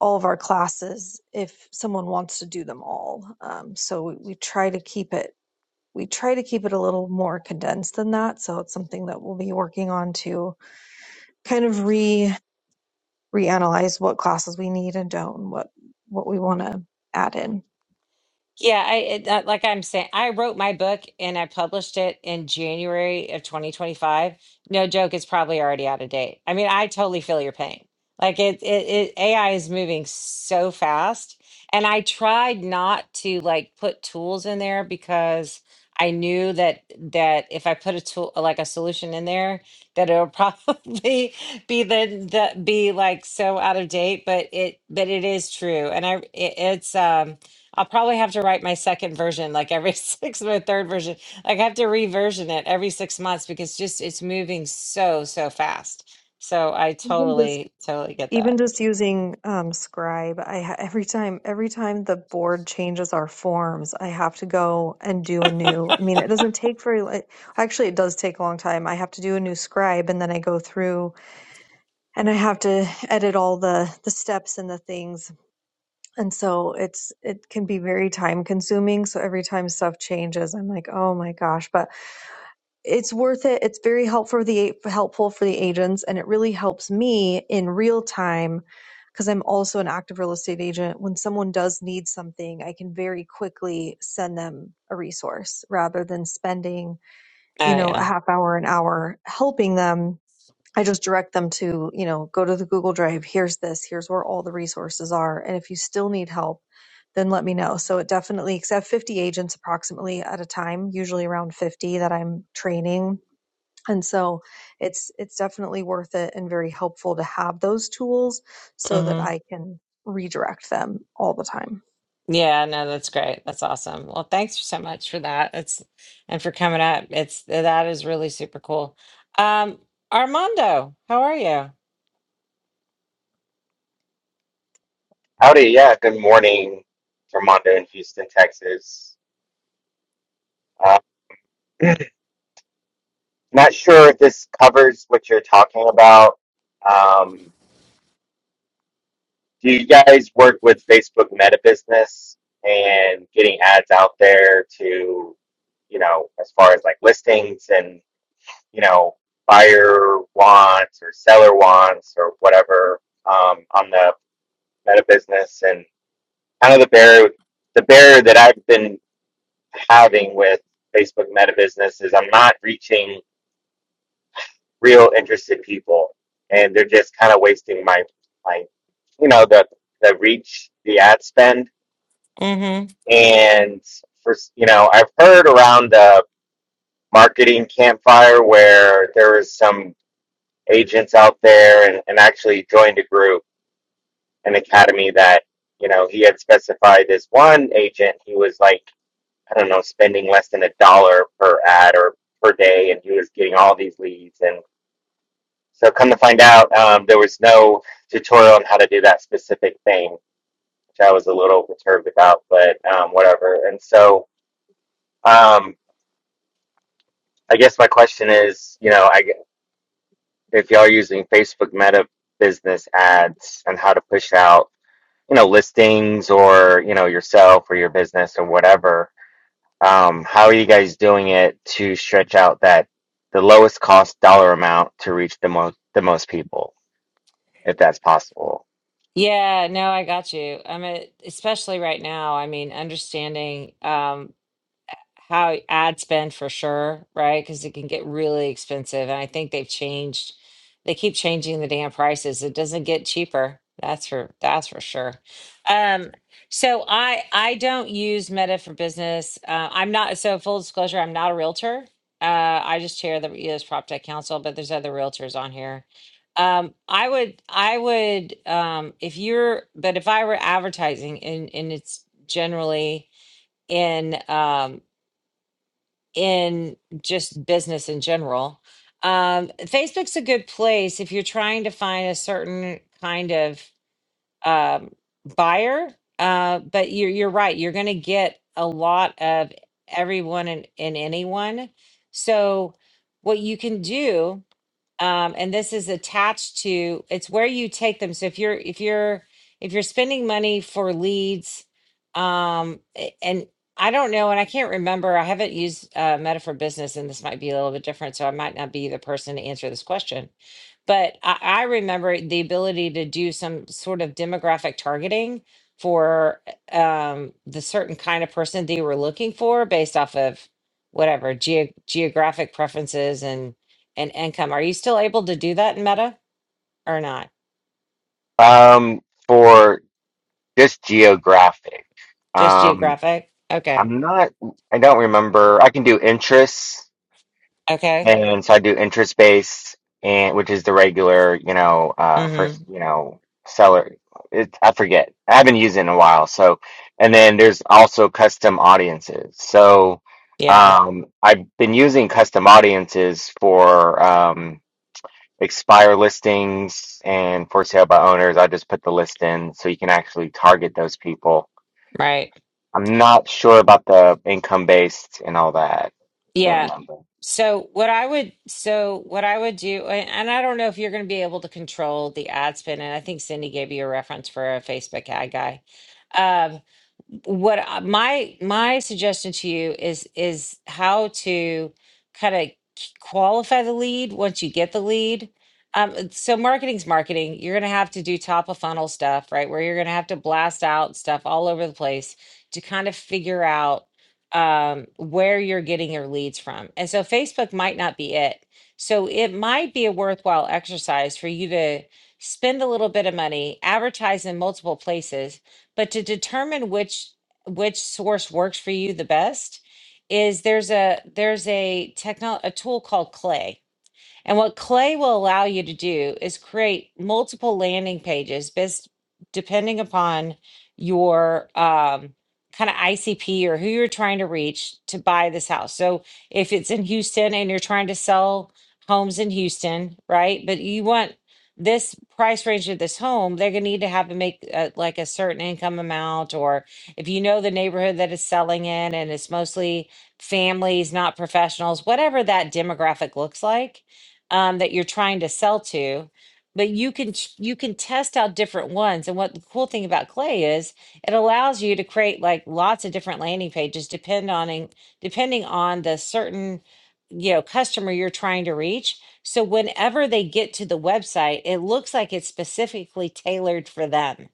all of our classes if someone wants to do them all. Um, so we, we try to keep it. We try to keep it a little more condensed than that. So it's something that we'll be working on to kind of re. reanalyze what classes we need and don't, and what what we want to add in. Yeah, I it, uh, like I'm saying, I wrote my book and I published it in January of 2025. No joke, it's probably already out of date. I mean, I totally feel your pain. Like it, it, it AI is moving so fast, and I tried not to like put tools in there because I knew that that if I put a tool like a solution in there, that it'll probably be the, the be like so out of date. But it, but it is true, and I, it, it's um. I'll probably have to write my second version like every six my third version. Like I have to reversion it every six months because just it's moving so so fast. So I Even just totally totally get even that. just using um, Scribe, I ha- every time every time the board changes our forms, I have to go and do a new. I mean, it doesn't take very. li- Actually, it does take a long time. I have to do a new Scribe, and then I go through. and I have to edit all the the steps and the things. And so it's it can be very time consuming. So every time stuff changes, I'm like, oh my gosh! But it's worth it. It's very helpful for the helpful for the agents, and it really helps me in real time because I'm also an active real estate agent. When someone does need something, I can very quickly send them a resource rather than spending you Oh know a yeah. half hour an hour helping them I just direct them to, you know, go to the Google Drive. Here's this. Here's where all the resources are. And if you still need help, then let me know. So it definitely, because I have 50 agents approximately at a time, usually around 50 that I'm training. And so it's, it's definitely worth it and very helpful to have those tools so that hmm I can redirect them all the time. Yeah, no, that's great. That's awesome. Well, thanks so much for that. It's and for coming up. It's that is really super cool. Um Armando, how are you? Howdy, yeah, good morning Armando in Houston, Texas. Uh, not sure if this covers what you're talking about. Um, do you guys work with Facebook Meta Business and getting ads out there to, you know, as far as like listings and, you know, buyer wants or seller wants or whatever um, on the Meta Business and kind of the barrier, the barrier that I've been having with Facebook Meta Business is I'm not reaching real interested people, and they're just kind of wasting my my you know the the reach, the ad spend, Mm-hmm. and for you know I've heard around the marketing campfire where there was some agents out there and, and actually joined a group an academy that you know he had specified this one agent he was like I don't know, spending less than a dollar per ad or per day, and he was getting all these leads. And so, come to find out, um, there was no tutorial on how to do that specific thing, which I was a little perturbed about, but um, whatever. And so, um, I guess my question is, you know, I, if y'all are using Facebook Meta business ads and how to push out, you know, listings or you know yourself or your business or whatever Um, how are you guys doing it to stretch out that the lowest cost dollar amount to reach the most the most people, if that's possible? Yeah, no, I got you. I'm a, especially right now. I mean, understanding. Um, how ad spend for sure, right? Because it can get really expensive. And I think they've changed, they keep changing the damn prices. It doesn't get cheaper. That's for that's for sure. Um, so I I don't use Meta for business. Uh, I'm not so full disclosure. I'm not a realtor. Uh, I just chair the EOS Prop Tech Council, but there's other realtors on here. Um, I would I would um, if you're but if I were advertising and and it's generally in um, in just business in general. Um, Facebook's a good place if you're trying to find a certain kind of um, buyer. Uh, but you're you're right. You're going to get a lot of everyone and, and anyone. So what you can do um, and this is attached to it's where you take them so if you're if you're if you're spending money for leads um a- and i don't know and i can't remember i haven't used uh, meta for business and this might be a little bit different so i might not be the person to answer this question but I, I remember the ability to do some sort of demographic targeting for uh, um, the certain kind of person they were looking for based off of whatever geo geographic preferences and and income. Are you still able to do that in Meta or not? Um, for just geographic. Just Um, geographic? Okay. I'm not, I don't remember. I can do interests. Okay. And so I do interest based and which is the regular, you know, uh first, Mm-hmm. you know, seller it, I forget. I haven't used it in a while. So and then there's also custom audiences. So Yeah. um I've been using custom audiences for um expire listings and for sale by owners. I just put the list in so you can actually target those people. Right. I'm not sure about the income based and all that. I don't Yeah. remember. So what I would so what I would do, and and I don't know if you're going to be able to control the ad spin, and I think Cindy gave you a reference for a Facebook ad guy. um, what I- my my suggestion to you is is how to kind of qualify the lead once you get the lead um uh, so marketing's marketing you're going to have to do top of funnel stuff right where you're going to have to blast out stuff all over the place to kind of figure out um where you're getting your leads from and so facebook might not be it so it might be a worthwhile exercise for you to spend a little bit of money advertise in multiple places but to determine which which source works for you the best is there's a there's a techno a tool called clay and what Clay will allow you to do is create multiple landing pages based depending upon your um, kind of ICP or who you're trying to reach to buy this house. So if it's in Houston and you're trying to sell homes in Houston, right? But you want this price range of this home, they're going to need to have to make uh like a certain income amount, or if you know the neighborhood that is selling in and it's mostly families, not professionals, whatever that demographic looks like um, that you're trying to sell to but you can ch- you can test out different ones and what the cool thing about clay is it allows you to create like lots of different landing pages depend on in- depending on the certain you know customer you're trying to reach so whenever they get to the website it looks like it's specifically tailored for them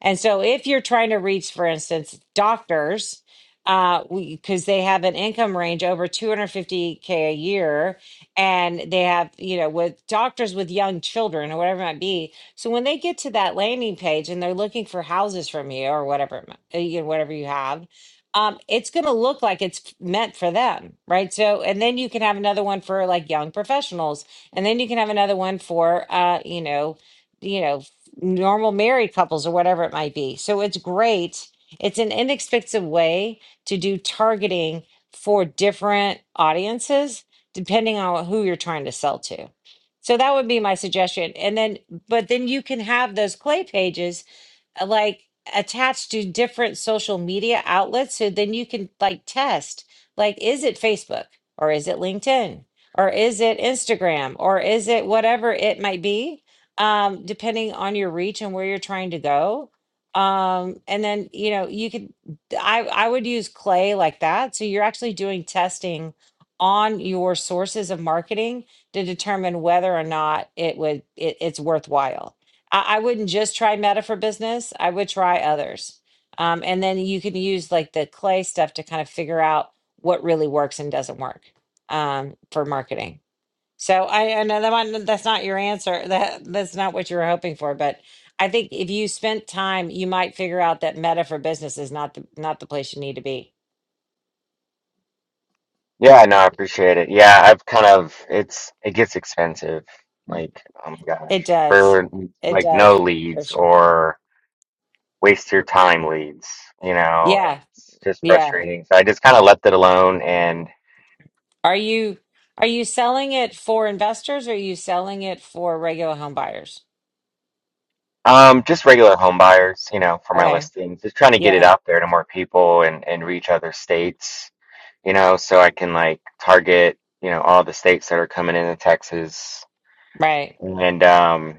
and so, if you're trying to reach, for instance, doctors, uh, because they have an income range over 250k a year, and they have, you know, with doctors with young children or whatever it might be. So when they get to that landing page and they're looking for houses from you or whatever, it mi- uh, you know, whatever you have. Um, it's going to look like it's f- meant for them, right? So, and then you can have another one for like young professionals, and then you can have another one for, uh, you know, you know normal married couples or whatever it might be. So it's great. It's an inexpensive way to do targeting for different audiences, depending on who you're trying to sell to. So that would be my suggestion. And then, but then you can have those clay pages uh, like attached to different social media outlets so then you can like test like is it Facebook or is it LinkedIn or is it Instagram or is it whatever it might be um depending on your reach and where you're trying to go um and then you know you could I I would use clay like that so you're actually doing testing on your sources of marketing to determine whether or not it would it, it's worthwhile I, I wouldn't just try Meta for business. I would try others. Um, and then you can use like the clay stuff to kind of figure out what really works and doesn't work um, for marketing. So I, I know that might, that's not your answer. That that's not what you were hoping for, but I think if you spent time, you might figure out that Meta for business is not the not the place you need to be. Yeah, no, I appreciate it. Yeah, I've kind of it's it gets expensive. Like, oh my It gosh, does. for It like no does for leads sure. or waste your time leads, you know, and Yeah. it's just Yeah. frustrating. So I just kind of left it alone and Are you are you selling it for investors or are you selling it for regular home buyers? um just regular home buyers, you know, for my Okay. listings. Just trying to get it Yeah. out there to more people and and reach other states, you know, so I can like target, you know, all the states that are coming into Texas. Right. And um,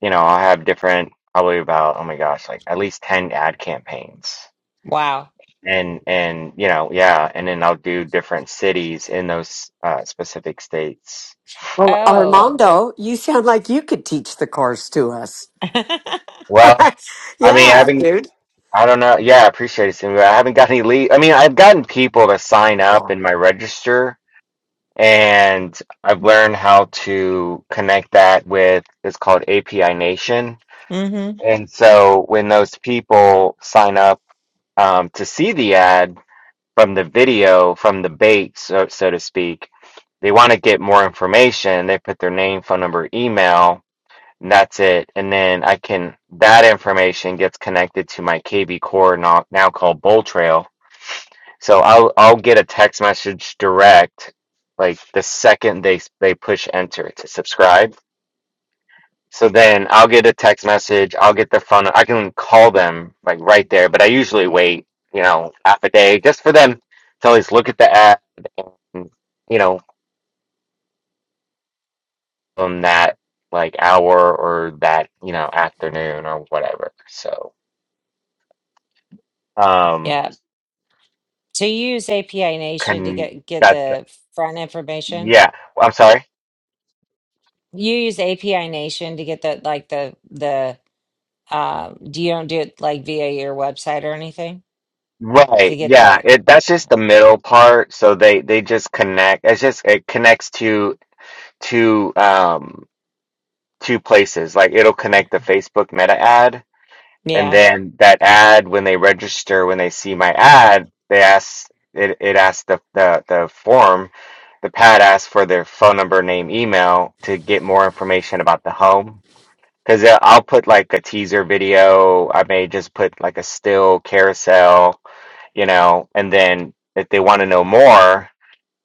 you know, I'll have different probably about oh my gosh, like at least 10 ad campaigns. Wow. And and you know, yeah, and then I'll do different cities in those uh specific states. Well, Oh. Armando, you sound like you could teach the course to us. Well, I mean, I yeah, haven't dude. I don't know. Yeah, I appreciate it, Cindy, but I haven't got any lead. I mean, I've gotten people to sign up Yeah, in my register and I've learned how to connect that with it's called API Nation hmm And so when those people sign up um, to see the ad from the video, from the bait, so, so to speak, they want to get more information. They put their name, phone number, email, and that's it. And then I can, that information gets connected to my KB core now, now called Bull Trail. So I'll, I'll get a text message direct, like the second they, they push enter to subscribe so then I'll get a text message. I'll get their phone. I can call them like right there, but I usually wait, you know, half a day just for them to at least look at the ad and, you know, on that like hour or that, you know, afternoon or whatever. So, um, Yeah. So you use API Nation to can get get that, the front information. yeah, I'm sorry. You use API Nation to get the like the the uh do you don't do it like via your website or anything to Right. get Yeah. the It, that's just yeah. the middle part. So they, they just connect. It's just, it connects to, to, um, two places. Like it'll connect the Facebook Meta ad, and Yeah. then that ad, when they register, when they see my ad, they ask it. It asks the the the form, the pad asks for their phone number, name, email to get more information about the home. Because I'll put like a teaser video. I may just put like a still carousel, you know, and then if they want to know more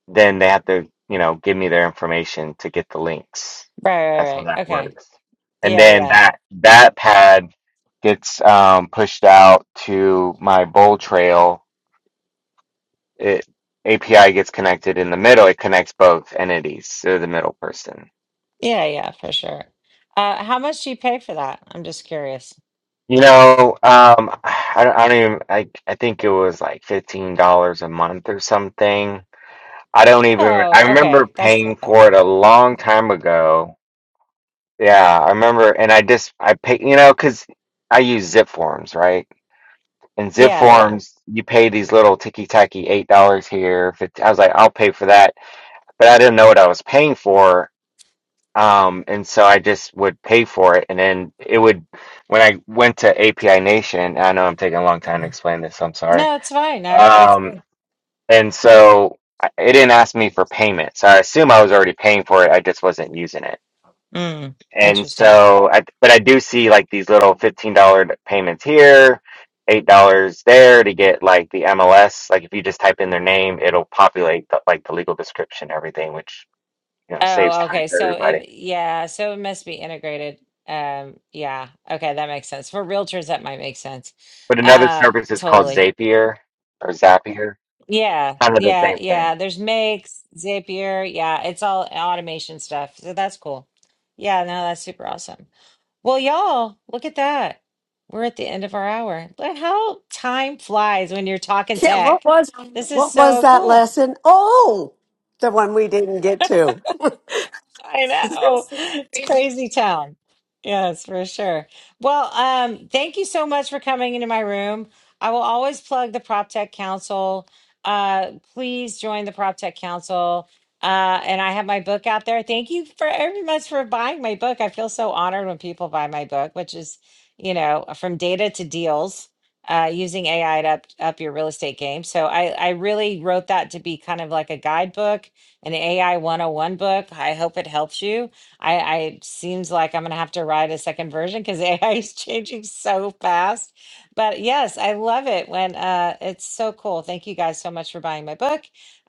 then they have to, you know, give me their information to get the links. Right, right, That's how right. that Okay. works. And Yeah, then yeah. that that pad gets um, pushed out to my bowl trail. It API gets connected in the middle. It connects both entities. They're the middle person. Yeah, yeah, for sure. Uh, how much do you pay for that? I'm just curious. You know, um, I don't, I don't even. I I think it was like fifteen dollars a month or something. I don't even. Oh, I remember okay. That's paying not for it bad. a long time ago Yeah, I remember, and I just I pay, you know, because I use zip forms, right? And zip Yeah, yeah. forms, you pay these little ticky tacky eight dollars here. 50, I was like, I'll pay for that, but I didn't know what I was paying for, um, and so I just would pay for it, and then it would. When I went to API Nation, I know I'm taking a long time to explain this. I'm sorry. No, it's fine. I, it's Um, good. and so I- it didn't ask me for payment, so I assume I was already paying for it. I just wasn't using it. Mm, And interesting. so, I, but I do see like these little $15 payments here, $8 there to get like the MLS. Like if you just type in their name, it'll populate the, like the legal description, and everything, which, you know, saves Oh, time okay. for So everybody. it, yeah, so it must be integrated. Um, yeah. Okay, that makes sense. For realtors, that might make sense. But another Uh, service is called totally. Zapier or Zapier. It's Yeah, kind of the yeah, same yeah. thing. There's Makes, Zapier. Yeah, it's all automation stuff. So that's cool. Yeah, no, that's super awesome. Well, y'all, look at that. We're at the end of our hour. Look how time flies when you're talking yeah. What tech. was This is what was so that cool. lesson? Oh, the one we didn't get to. I know. It's crazy town. Yes, for sure. Well, um, thank you so much for coming into my room. I will always plug the Prop Tech Council. Uh, please join the Prop Tech Council. Uh, and I have my book out there. Thank you for very much for buying my book. I feel so honored when people buy my book, which is, you know, from data to deals, uh, using AI to up, up your real estate game. So I, I really wrote that to be kind of like a guidebook an AI 101 book. I hope it helps you. I, I it seems like I'm gonna have to write a second version because AI is changing so fast. But yes, I love it when uh, it's so cool. Thank you guys so much for buying my book.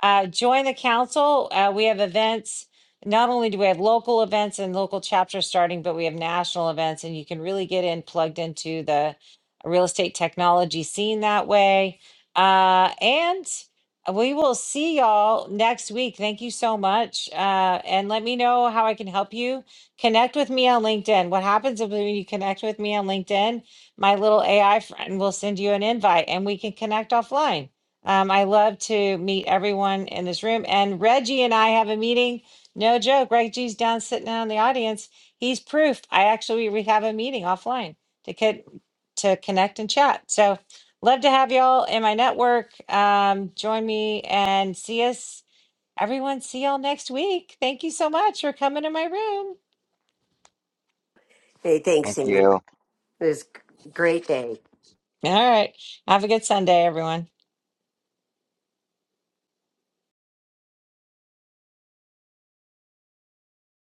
Uh, join the council. Uh, we have events. Not only do we have local events and local chapters starting, but we have national events, and you can really get in plugged into the real estate technology scene that way. Uh, and we will see y'all next week. Thank you so much. Uh, and let me know how I can help you. Connect with me on LinkedIn. What happens is when you connect with me on LinkedIn, my little AI friend will send you an invite and we can connect offline. Um, I love to meet everyone in this room. And Reggie and I have a meeting. No joke. Reggie's down sitting down in the audience. He's proof. I actually, we have a meeting offline to, co- to connect and chat. So, Love to have y'all in my network. Um, join me and see us. Everyone, see y'all next week. Thank you so much for coming to my room. Hey, thanks, Thank Amy. you. It was a great day. All right. Have a good Sunday, everyone.